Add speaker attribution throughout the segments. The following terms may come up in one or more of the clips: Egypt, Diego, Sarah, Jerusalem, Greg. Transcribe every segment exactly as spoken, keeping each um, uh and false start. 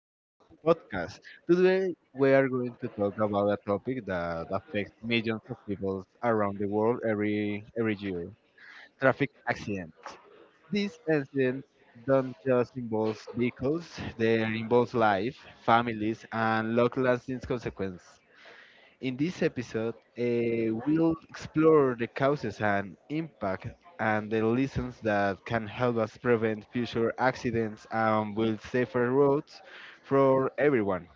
Speaker 1: of our podcast. Today, we are going to talk about a topic that affects millions of people around the world every every year: traffic accidents. These accidents don't just involve vehicles; they involve life, families, and long-lasting consequences. In this episode, eh, we'll explore the causes and impact and the lessons that can help us prevent future accidents and build safer roads for everyone.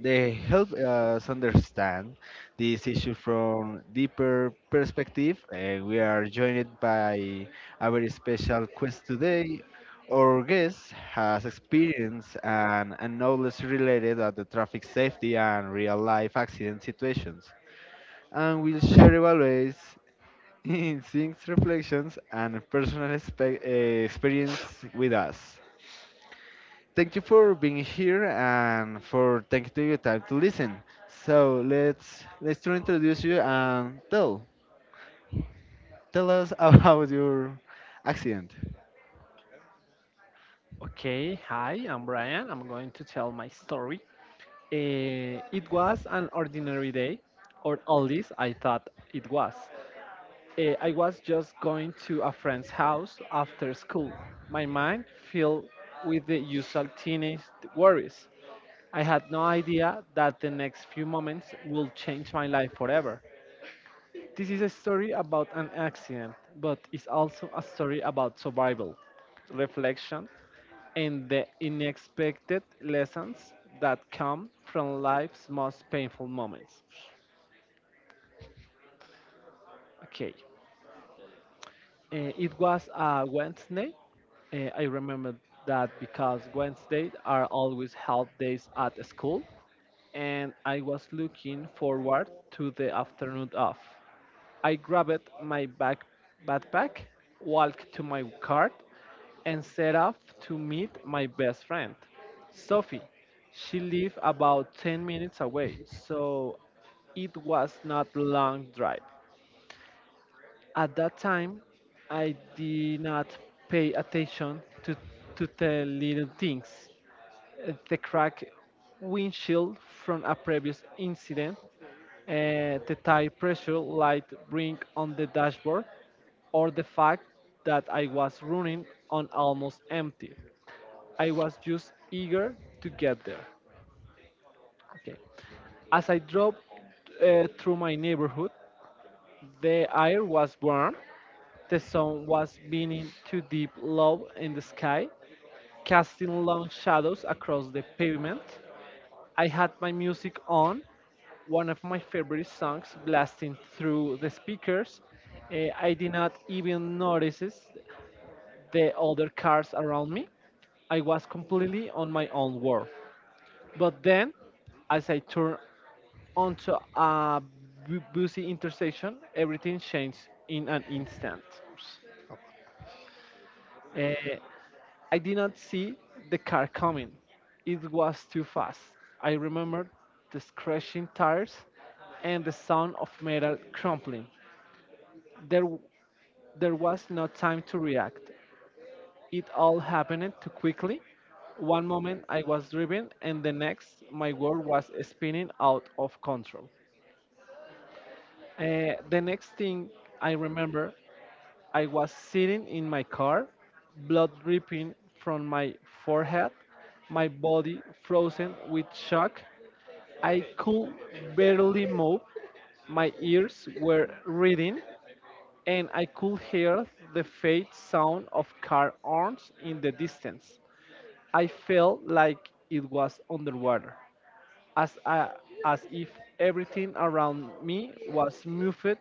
Speaker 1: They help us understand this issue from deeper perspective. Eh, we are joined by a very special guest today. Our guest has experience and, and knowledge related at the traffic safety and real life accident situations and will share evaluates in things, reflections, and personal expe- eh, experience with us. Thank you for being here and for taking your time to listen. So let's let's to introduce you and tell tell us about your accident.
Speaker 2: Okay, hi, I'm Brian. I'm going to tell my story. Eh, it was an ordinary day, or at least I thought it was. Eh, I was just going to a friend's house after school. My mind filled with the usual teenage worries. I had no idea that the next few moments will change my life forever. This is a story about an accident, but it's also a story about survival reflection and the unexpected lessons that come from life's most painful moments. Okay, eh, it was a Wednesday. Eh, I remember that because Wednesdays are always help days at school, and I was looking forward to the afternoon off. I grabbed my back backpack, walked to my car, and set off to meet my best friend, Sophie. She lived about ten minutes away, so it was not a long drive. At that time, I did not pay attention to, to the little things. Uh, The cracked windshield from a previous incident, uh, the tire pressure light ring on the dashboard, or the fact that I was running on almost empty. I was just eager to get there. Okay. As I drove uh, through my neighborhood, the air was warm, the sun was beaming too deep low in the sky, casting long shadows across the pavement. I had my music on, one of my favorite songs blasting through the speakers. Uh, I did not even notice the other cars around me. I was completely on my own world. But then, as I turned onto a bu- busy intersection, everything changed in an instant. Uh, I did not see the car coming. It was too fast. I remembered the scratching tires and the sound of metal crumpling. There There was no time to react. It all happened too quickly. One moment I was driving, and the next, my world was spinning out of control. Uh, the next thing I remember, I was sitting in my car, blood dripping from my forehead, my body frozen with shock. I could barely move. My ears were reading, and I could hear the faint sound of car horns in the distance. I felt like it was underwater, as, I, as if everything around me was muffled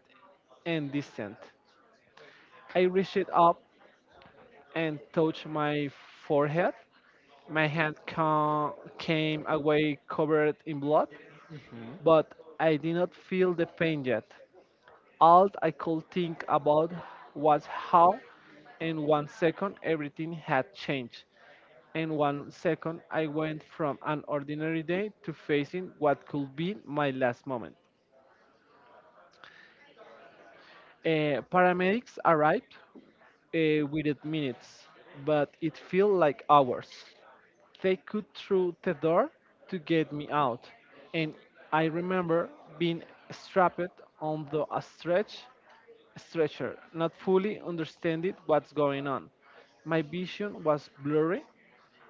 Speaker 2: and distant. I reached up and touched my forehead. My hand ca- came away covered in blood,
Speaker 1: Mhm.
Speaker 2: but I did not feel the pain yet. All I could think about was how, in one second, everything had changed. In one second, I went from an ordinary day to facing what could be my last moment. Uh, paramedics arrived uh, within minutes, but it felt like hours. They could through the door to get me out, and I remember being strapped on the stretch stretcher, not fully understanding what's going on. My vision was blurry,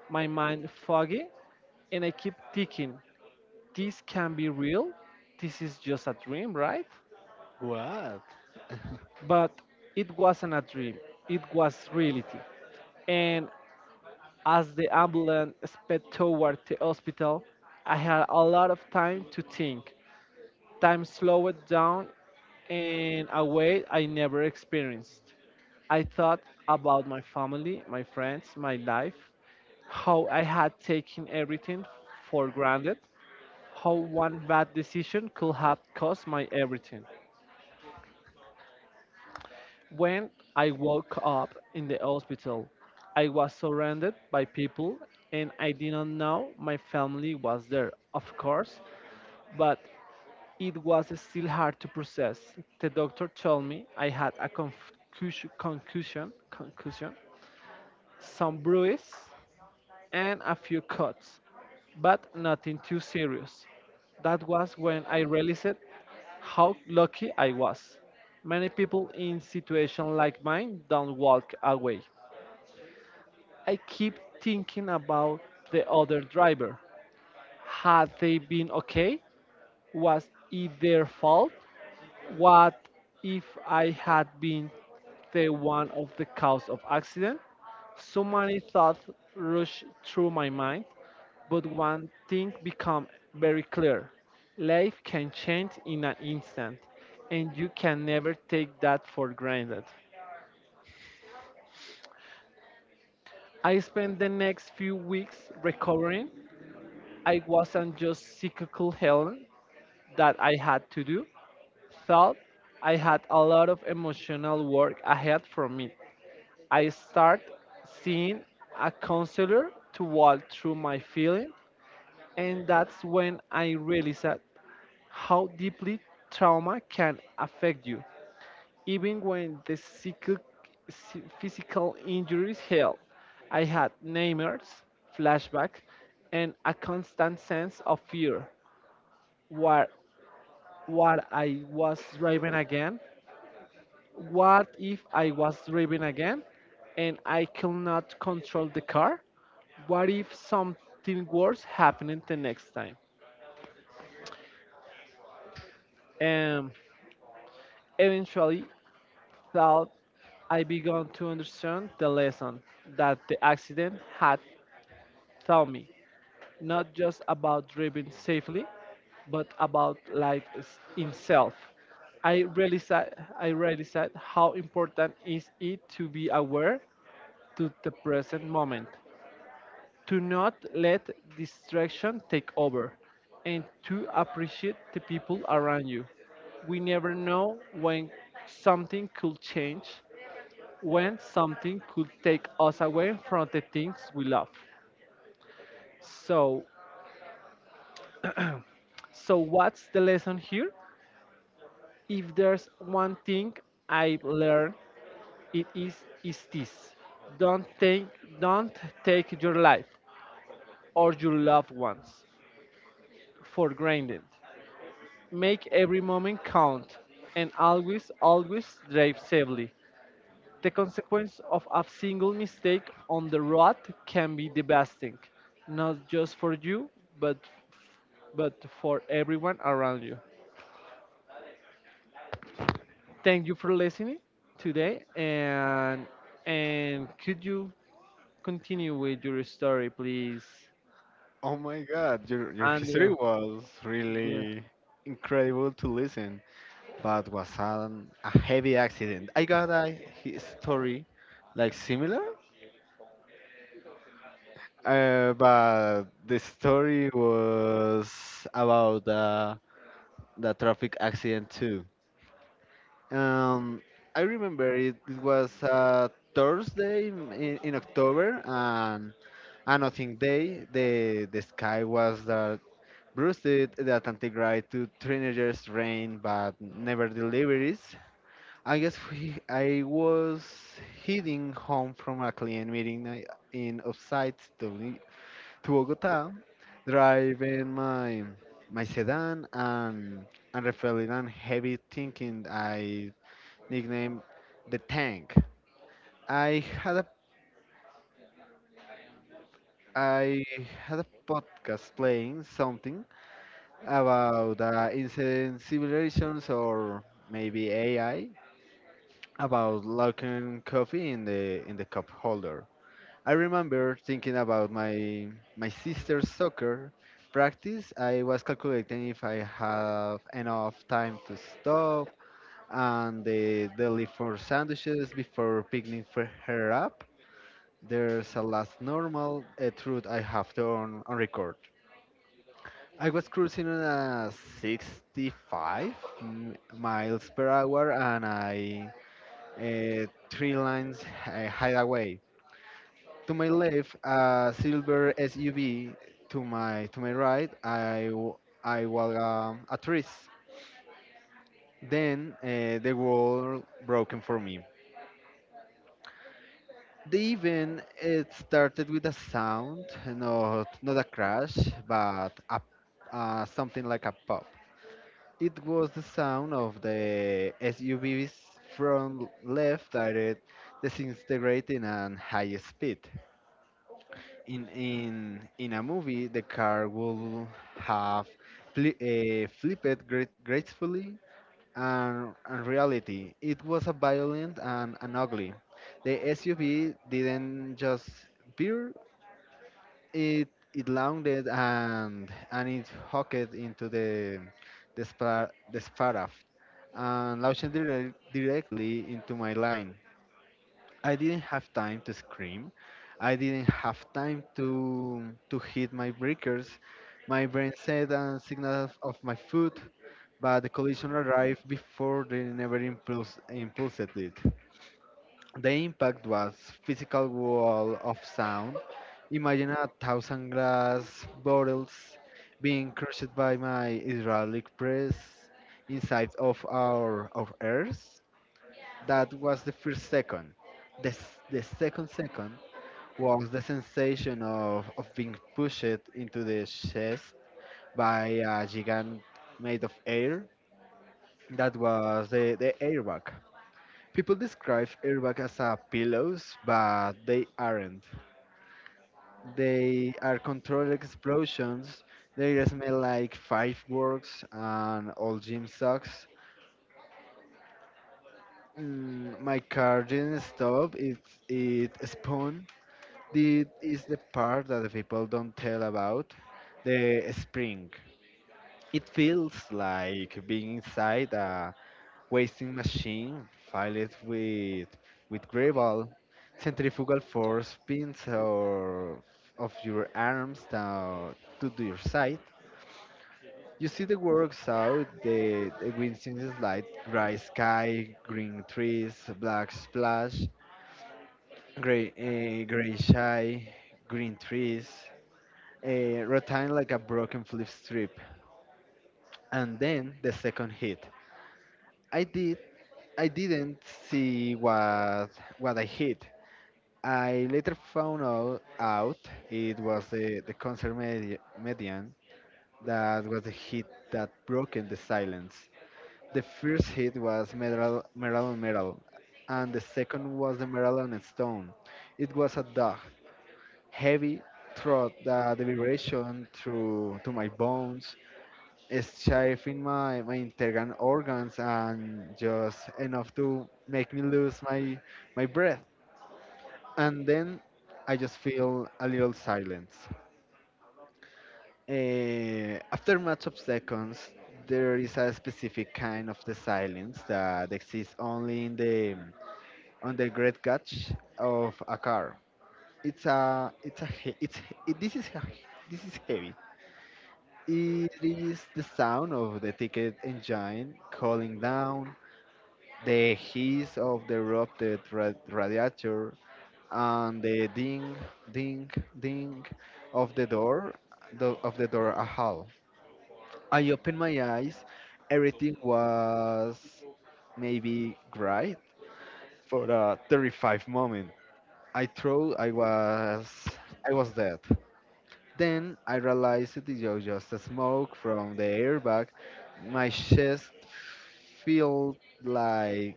Speaker 2: my mind foggy, and I keep thinking, this can be real. This is just a dream, right?
Speaker 1: What?
Speaker 2: But it wasn't a dream, it was reality. And as the ambulance sped toward the hospital, I had a lot of time to think. Time slowed down in a way I never experienced. I thought about my family, my friends, my life, how I had taken everything for granted, how one bad decision could have cost my everything. When I woke up in the hospital, I was surrounded by people and I didn't know my family was there, of course, but it was still hard to process. The doctor told me I had a confusion, concussion, concussion, some bruise and a few cuts, but nothing too serious. That was when I realized how lucky I was. Many people in situations like mine don't walk away. I keep thinking about the other driver. Had they been okay? Was it their fault? What if I had been the one of the cause of accident? So many thoughts rushed through my mind. But one thing become very clear. Life can change in an instant, and you can never take that for granted. I spent the next few weeks recovering. I wasn't just cyclical health that I had to do. Thought I had a lot of emotional work ahead from me. I start seeing a counselor to walk through my feeling, and that's when I realized how deeply trauma can affect you, even when the psychic, psy- physical injuries heal. I had nightmares, flashbacks, and a constant sense of fear. What, what I was driving again? What if I was driving again and I could not control the car? What if something worse happened the next time? And eventually, thought I began to understand the lesson that the accident had taught me, not just about driving safely, but about life is- itself. I realized, I realized how important is it to be aware to the present moment, to not let distraction take over, and to appreciate the people around you. We never know when something could change, when something could take us away from the things we love. So, so what's the lesson here? If there's one thing I've learned, it is is this: don't take don't take your life or your loved ones for granted. Make every moment count, and always always drive safely. The consequence of a single mistake on the road can be devastating, not just for you, but but for everyone around you. Thank you for listening today, and and could you continue with your story, please,
Speaker 1: Oh my God, your your history
Speaker 2: Andrew?
Speaker 1: was
Speaker 2: Yeah.
Speaker 1: really incredible to listen. But was an, a heavy accident. I got a hi- story like similar, uh, but the story was about the, the traffic accident too. Um, I remember it, it was a Thursday in, in in October and another day. The, the sky was that bruised did the Atlantic ride to teenagers rain but never deliveries. I guess we, I was heading home from a client meeting I- in upside to, Li- to Bogota, driving my my sedan and and reflecting on heavy thinking. I nicknamed the tank. I had a I had a podcast playing something about uh, incident simulations or maybe A I about locking coffee in the in the cup holder. I remember thinking about my my sister's soccer practice. I was calculating if I have enough time to stop and the deli for sandwiches before picking for her up. There's a last normal a truth I have to on, on record. I was cruising on a sixty-five m- miles per hour and I uh, three lines uh, hideaway. To my left, a silver S U V. To my to my right, I w- I was um, a tourist. Then uh, the world broken for me. The event it started with a sound, not not a crash, but a, uh, something like a pop. It was the sound of the S U Vs from left directed disintegrating at high speed. in in in a movie the car will have fli uh, flipped great, gracefully, and in reality it was a violent and, and ugly. The suv didn't just veer, it it landed and and it hooked into the the, spar the sparaft and launched direct, directly into my line. I didn't have time to scream. I didn't have time to to hit my breakers. My brain said a signal of, of my foot, but the collision arrived before they never impulse, impulsed it. The impact was physical wall of sound. Imagine a thousand glass bottles being crushed by my hydraulic press inside of our of earth. That was the first second. The, s- the second second was the sensation of, of being pushed into the chest by a gigant made of air. That was the, the airbag. People describe airbag as a pillows, but they aren't. They are controlled explosions. They smell like fireworks and old gym socks. Mm, my car didn't stop. It it spun. This is the part that the people don't tell about the spring. It feels like being inside a wasting machine filled with with gravel, centrifugal force pins or of your arms down to the- your side. You see the works out, the, the winds in the light, gray sky, green trees, black splash, gray, eh, gray sky, green trees, uh, rotating like a broken flip strip. And then the second hit. I did. I didn't see what what I hit. I later found out, out it was the, the concert medi- median that was the hit that broken the silence. The first hit was metal, metal on metal, and the second was the metal on stone. It was a dog, heavy throat, the, the vibration through to my bones stifling my, my internal organs and just enough to make me lose my my breath. And then I just feel a little silence. Eh, after much of seconds there is a specific kind of the silence that exists only in the on the great catch of a car. It's a it's a he- it's it, this is he- This is heavy. It is the sound of the ticket engine cooling down, the hiss of the erupted ra- radiator, and the ding ding ding of the door, the, of the door a hall. I opened my eyes, everything was maybe great. For a thirty-five moment I thought I was, i was dead. Then I realized it was just a smoke from the airbag. My chest felt like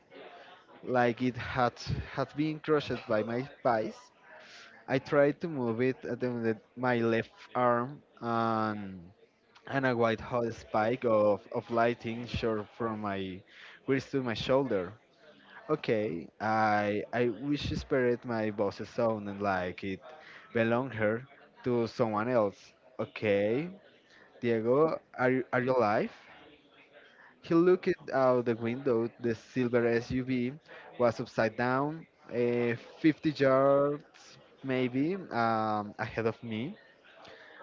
Speaker 1: like it had had been crushed by my thighs. I tried to move it at the, the- my left arm, and and a white hot spike of, of lighting shot from my wrist to my shoulder. Okay, I I whispered my boss's sound and like it belonged her to someone else. Okay, Diego, are you are you alive? He looked out the window. The silver S U V was upside down, eh, fifty yards maybe um, ahead of me.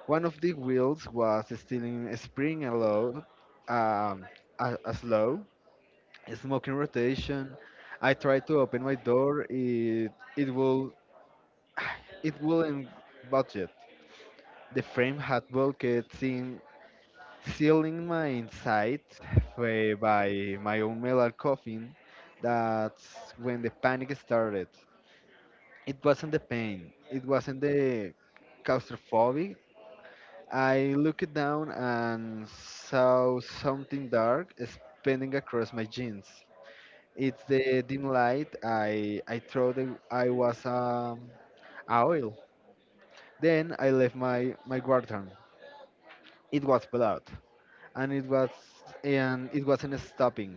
Speaker 1: One of the wheels was still in spring aloud, um, a, a slow, smoking rotation. I tried to open my door. It it will it wouldn't budget. The frame had bulkheads in sealing my inside by, by my own metal coffin. That's when the panic started. It wasn't the pain, it wasn't the claustrophobic. I looked down and saw something dark spinning across my jeans. It's the dim light. I I thought it- I was um, a oil. Then I left my my guardian. It was blood, and it was and it wasn't stopping.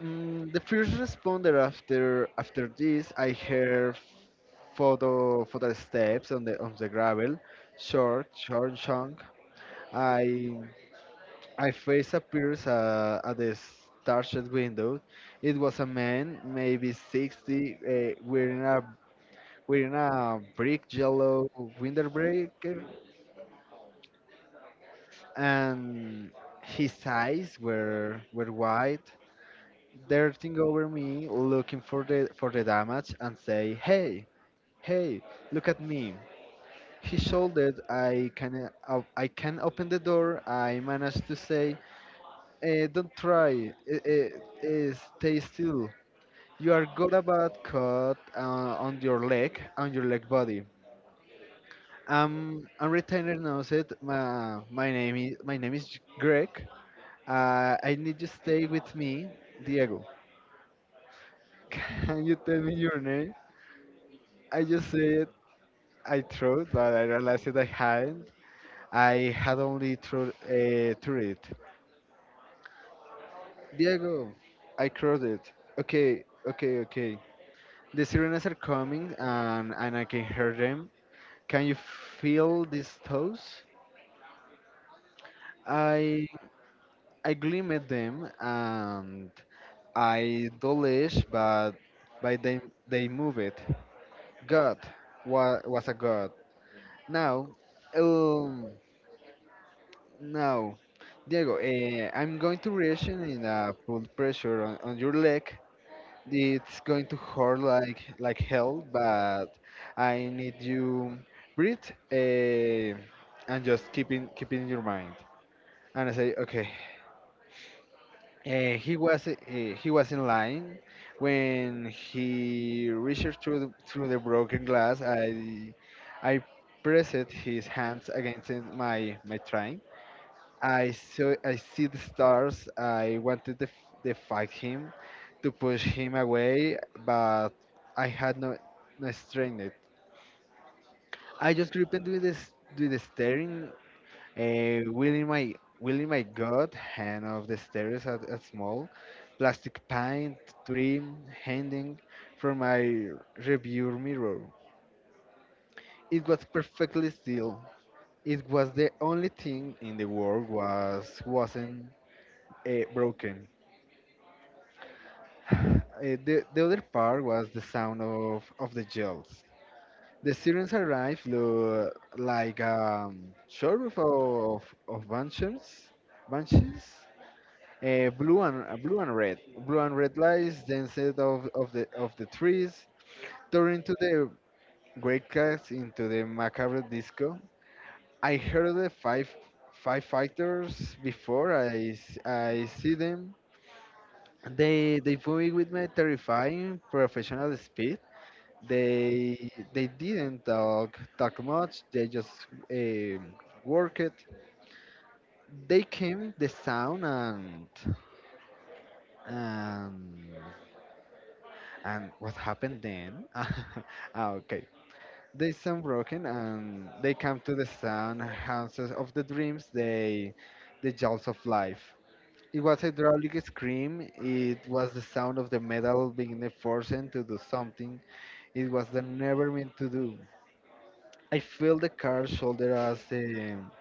Speaker 1: Mm, the first responder after after this, I heard photo photo steps on the on the gravel, short short chunk. I I face appears uh, at the starched window. It was a man, maybe sixty, uh, wearing a wearing a brick yellow winter breaker, and his eyes were were wide darting over me looking for the for the damage and say hey. Hey, look at me. He shouted. I can uh, I can open the door. I managed to say, eh, "Don't try. Eh, eh, eh, stay still. You are got a bad cut uh, on your leg, on your leg body." Um, and retainer knows it. My, my name is my name is Greg. Uh, I need you stay with me, Diego. Can you tell me your name? I just said I thought, but I realized that I hadn't. I had only through uh, through it. Diego, I crossed it. Okay, okay, okay. The sirens are coming and, and I can hear them. Can you feel these toes? I I gleam at them and I dolish but by they they move it. God wa, was a god. Now um now Diego, eh, I'm going to reaction in a pull pressure on, on your leg. It's going to hurt like like hell, but I need you breathe uh, and just keep in keep in your mind. And I say, okay. Uh, he was uh, he was in line when he reached through the, through the broken glass. I I pressed his hands against it- my my trunk. I saw I see the stars. I wanted to, f- to fight him, to push him away, but I had no no strength. I just gripped with this with the steering, uh, wielding my wielding my god hand of the stairs at a small plastic pint trim hanging from my review mirror. It was perfectly still. It was the only thing in the world was wasn't uh, broken. Uh, the, the other part was the sound of, of the yells. The students arrived lo- like um, sheriff of, of banshees, banshees uh, blue and uh, blue and red, blue and red lights danced of, of the of the trees, turning to the great cats into the macabre disco. I heard the five five fighters before I, s- I see them. They they fought with my terrifying professional speed. They they didn't talk talk much. They just um worked. They came the sound and and and what happened then? Ah, okay. They sound broken and they come to the sound houses of the dreams. They the jaws of life. It was a hydraulic scream. It was the sound of the metal being forced to do something it was the never meant to do. I feel the car's shoulder as the um,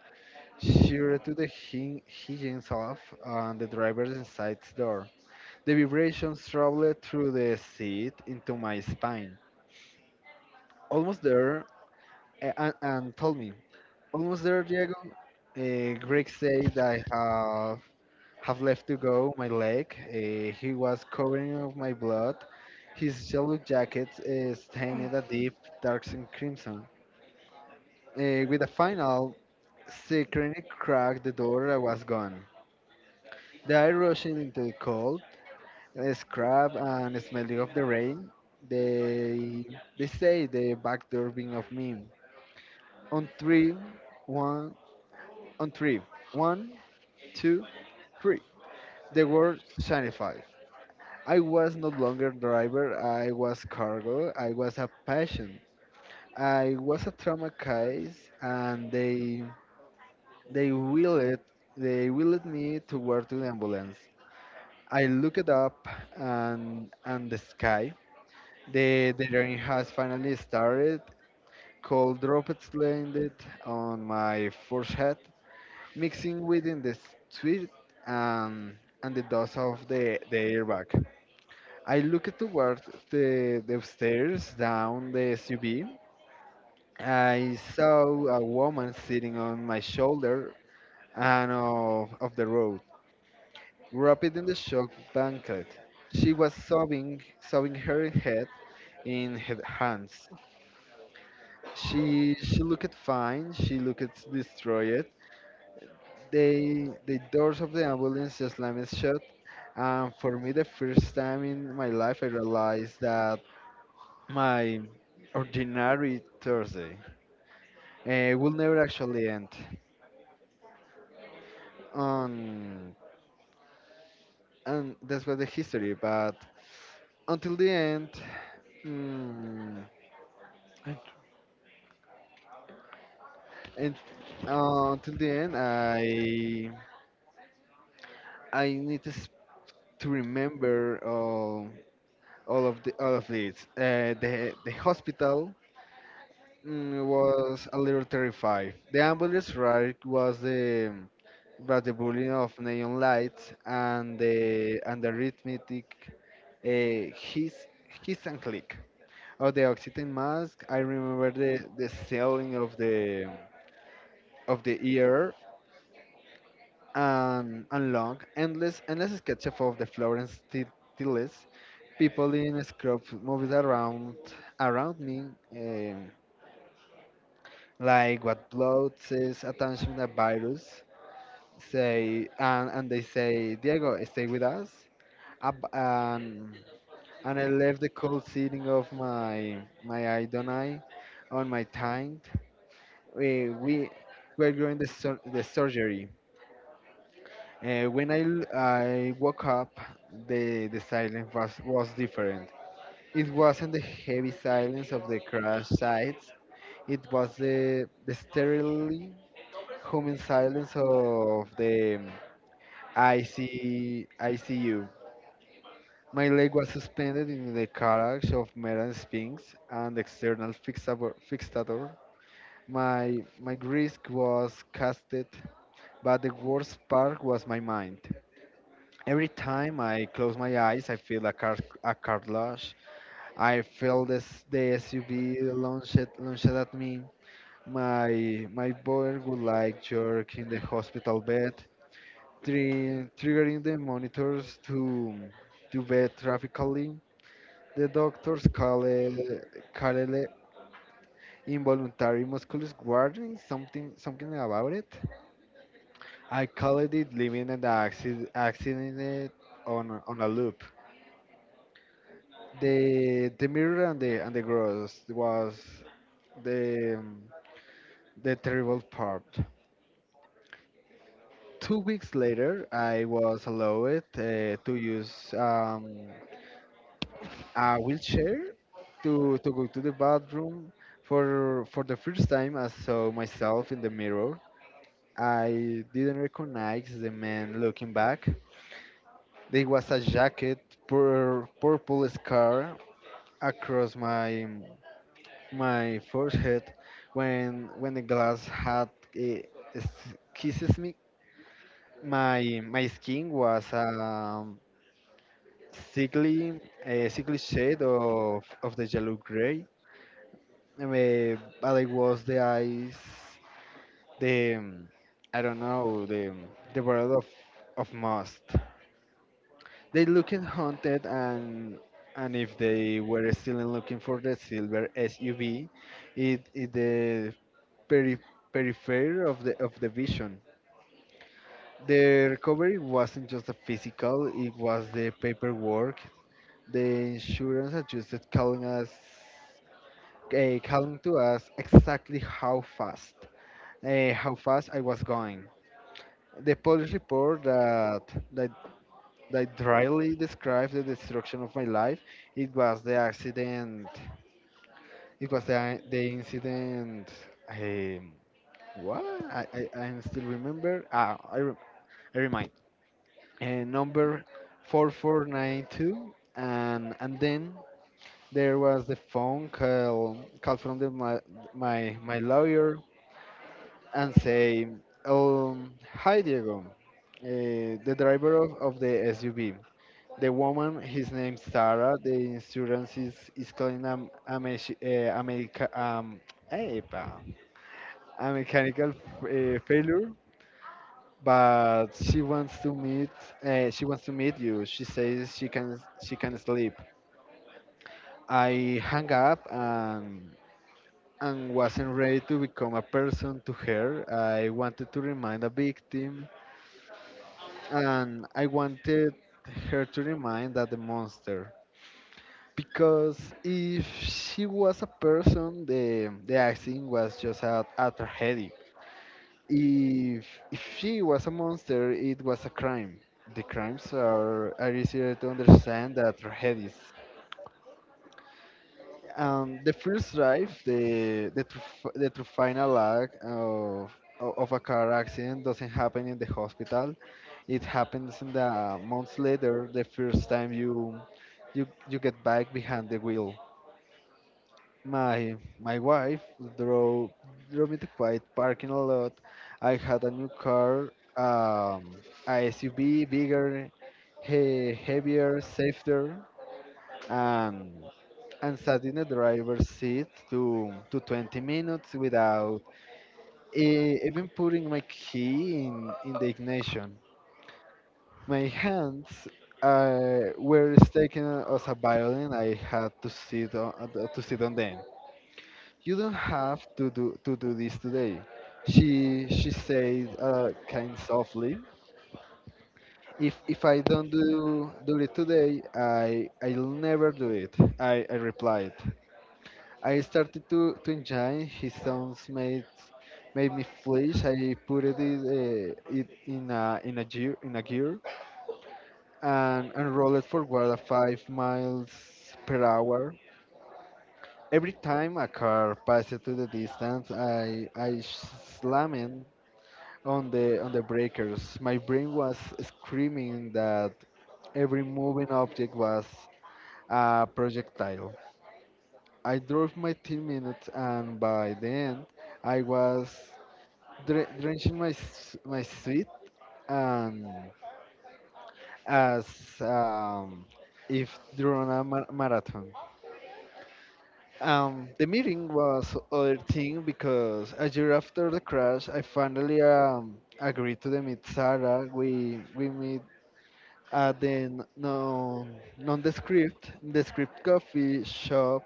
Speaker 1: shear to the hin- hinges off and the driver's inside door. The vibrations traveled through the seat into my spine. Almost there, a- and, and told me, almost there, Diego. Uh, Greg said I have have left to go my leg. Uh, he was covering of my blood. His yellow jacket uh, stained a deep dark crimson. Uh, with a final secretly cracked the door and was gone. The air rushing into the cold, uh, scrap and smelling of the rain. They they say the back door being of me. On three, one, on three, one, two, three. The word shinified. I was no longer driver. I was cargo. I was a patient. I was a trauma case, and they they willed they willed me to work to the ambulance. I look it up and and the sky. The the rain has finally started. Cold droplets landed on my forehead, mixing within the sweat and and the dust of the, the airbag. I looked towards the, the stairs down the S U V. I saw a woman sitting on my shoulder and of, of the road, wrapped in the shock blanket. She was sobbing, sobbing her head in her hands. She she looked fine. She looked destroyed. They the doors of the ambulance slammed shut, and for me, the first time in my life, I realized that my ordinary Thursday uh, will never actually end. On And that's what the history. But until the end, mm, and uh, until the end, I I need to, s- to remember. Uh, all of the all of it. Uh, the the hospital mm, was a little terrified. The ambulance ride was the was the burning of neon lights and the and the rhythmic uh, hiss hiss and click of the oxygen mask. I remember the the selling of the of the ear and, and long, endless, endless sketch of the Florence T- Tillis, people in scrub movies around around me, um, like what blood says attention a virus, say and, and they say, Diego, stay with us. Up and, and I left the cold seating of my my idonai on my tongue. We we were going the sur- the surgery. Uh, when I, l- I woke up, the, the silence was, was different. It wasn't the heavy silence of the crash sites, it was the, the sterile humming silence of the um, I C, I C U. My leg was suspended in the carriage of metal sphinx and external fixabo- fixator. My, my wrist was casted, but the worst part was my mind. Every time I close my eyes, I feel a car a car launch. I feel this the S U V launched launched at me. My my boy would like jerk in the hospital bed, tri- triggering the monitors to to bed traffically. The doctors call it, call it involuntary muscular squartening, something something about it. I call it living an accident, accident on a- on a loop. the the mirror and the and the gross was the um, the terrible part. Two weeks later, I was allowed uh, to use um, a wheelchair to to go to the bathroom. For for the first time, I saw myself in the mirror. I didn't recognize the man looking back. There was a jacket, pur- purple scar across my my forehead when when the glass had eh, s- kisses me. My my skin was um, sickly a sickly shade of of the yellow gray. Eh, but it was the eyes, the um, I don't know the the world of of must. They looked haunted and. And if they were still looking for the silver S U V, it, it the peri- periphery of the of the vision. The recovery wasn't just the physical; it was the paperwork. The insurance adjusted calling us, uh, calling to us exactly how fast, uh, how fast I was going. The police report that that that dryly described the destruction of my life. It was the accident. It was the the incident. Um, what? I, I, I still remember. Ah, I, re- I remind uh, number four four nine two, and and then there was the phone call call from the, my, my my lawyer, and say, um hi Diego, uh, the driver of, of the SUV, the woman, his name Sarah, the insurance is is calling um, a, mech- uh, a, mecha- um, eh, pa- a mechanical f- uh, failure, but she wants to meet uh, she wants to meet you, she says she can she can sleep. I hung up, and and wasn't ready to become a person to her. I wanted to remind a victim, and I wanted her to remind that the monster, because if she was a person, the the acting was just a, a tragedy. If, if she was a monster, it was a crime. The crimes are, are easier to understand than tragedies. Um, the first drive, the the, truf- the true final act of, o- of a car accident doesn't happen in the hospital. It happens in the months later, the first time you you you get back behind the wheel. My my wife drove drove me to quite parking a lot. I had a new car, um, a S U V, bigger, he, heavier, safer, and and sat in the driver's seat to to twenty minutes without e- even putting my key in in the ignition. My hands uh, were taken as a violin. I had to sit on to sit on them. You don't have to do to do this today. She she said uh, kind softly. If if I don't do do it today, I I'll never do it. I, I replied. I started to, to enjoy his sounds made made me flinch. I put it in, uh, it in a in a gear in a gear and, and rolled forward at five miles per hour. Every time a car passed to the distance, I I slammed on the on the breakers. My brain was screaming that every moving object was a projectile. I drove my ten minutes, and by the end, I was dre- drenching my s- my sweat and as um, if during a mar- marathon. Um, the meeting was other thing, because a year after the crash, I finally um, agreed to meet Sarah. We we meet at the non nondescript descript coffee shop,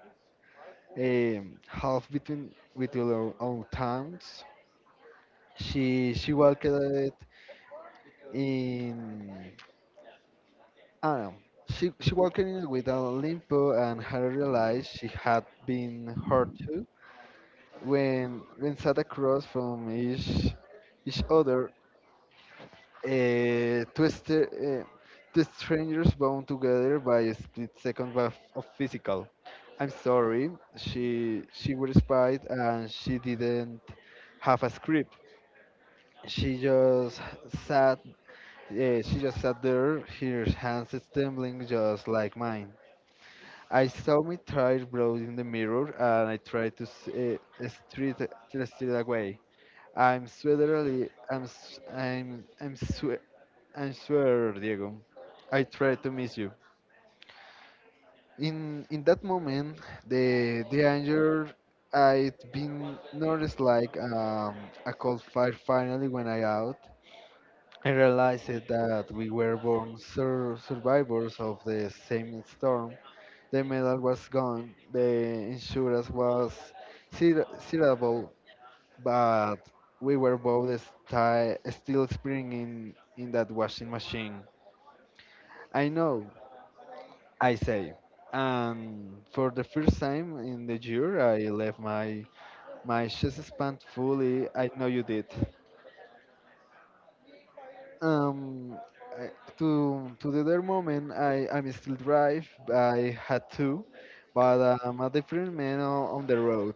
Speaker 1: um, half between with our own towns. She she worked in, I don't know. She she worked in with a Limpo, and had realized she had been hurt too, when when sat across from each each other. Uh, two, st- uh, Two strangers bound together by a split second of, of physical. I'm sorry, she she was spied, and she didn't have a script. She just sat. Uh, she just sat there, her hands trembling just like mine. I saw me try browsing the mirror, and I tried to s- uh, street to steer it away. I'm sweaterly. I'm s- I'm I'm swe I swear, Diego, I try to miss you. In in that moment, the the anger I'd been noticed like um, a cold fire finally went out. I realized it that we were born sur- survivors of the same storm. The medal was gone, the insurance was ser- terrible, but we were both sti- still spinning in, in that washing machine. I know, I say. And for the first time in the year, I left my my chest expand fully. I know you did. Um, I, to to the other moment, I I'm still drive. I had to, but I'm a different man o- on the road.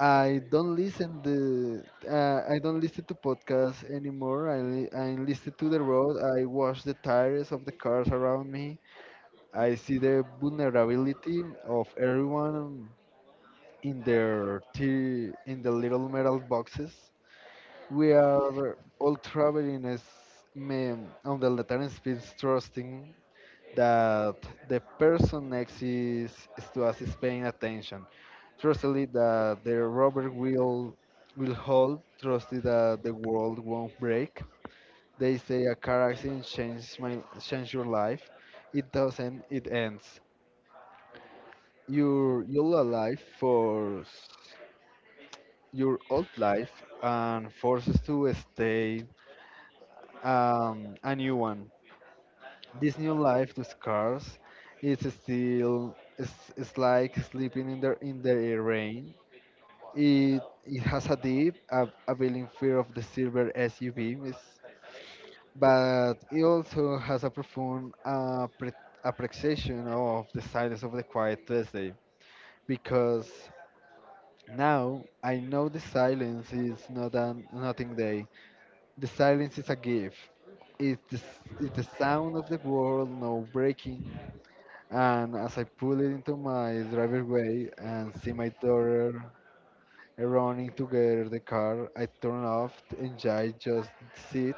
Speaker 1: I don't listen the uh, I don't listen to podcasts anymore. I li- i listen to the road. I watch the tires of the cars around me. I see the vulnerability of everyone in their tea in the little metal boxes. We are all traveling as men on the Latin speeds, trusting that the person next is, is to us, is paying attention. Trustedly that the rubber will will hold, trusted that the world won't break. They say a car accident changes my change your life. It doesn't, it ends. You're you're alive for your old life, and forces to stay um, a new one. This new life to scars is still it's, it's like sleeping in the in the rain. It it has a deep a availing fear of the silver S U V, is- but it also has a profound uh, pre- appreciation of the silence of the quiet Thursday, because now I know the silence is not an nothing day. The silence is a gift. It's the, s- it's the sound of the world, no breaking. And as I pull it into my driveway and see my daughter running to get the car, I turn off and I just sit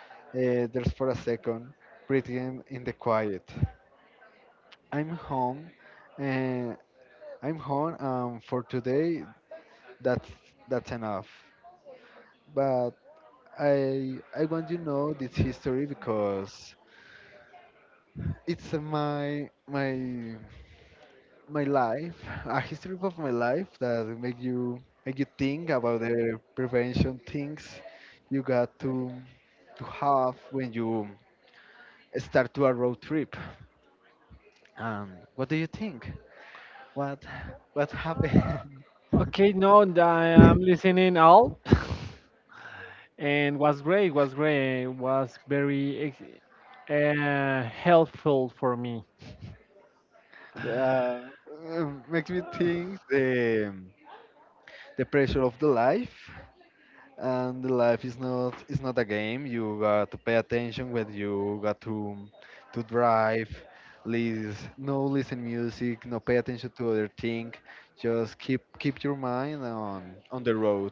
Speaker 1: uh, there for a second, breathing in the quiet. I'm home, and I'm home, and for today, that's that's enough. But I I want you to know this history, because it's uh, my my my life, a history of my life that make you make you think about the prevention things you got to to have when you start to a road trip. Um, what do you think? What what happened?
Speaker 2: Okay, no, I am listening all, and was great, was great, was very ex- uh, helpful for me.
Speaker 1: Yeah, um, makes me think the the pressure of the life, and the life is not is not a game. You got to pay attention when you got to to drive. Lis no listen music, no pay attention to other thing, just keep keep your mind on on the road,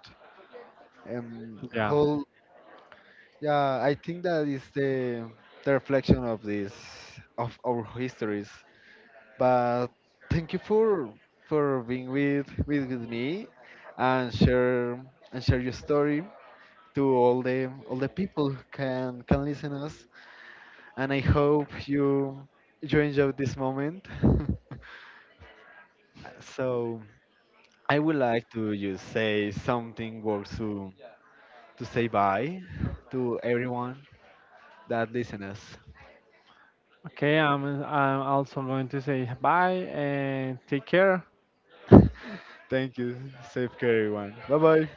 Speaker 1: um
Speaker 2: Yeah.
Speaker 1: whole. Yeah, I think that is the the reflection of this, of our histories. But thank you for for being with with, with me, and share and share your story to all the all the people who can can listen us. And I hope you you enjoyed this moment. So I would like to just say something words to to say bye to everyone that listen us.
Speaker 2: Okay, I'm I'm also going to say bye and take care.
Speaker 1: Thank you. Safe care, everyone. Bye bye.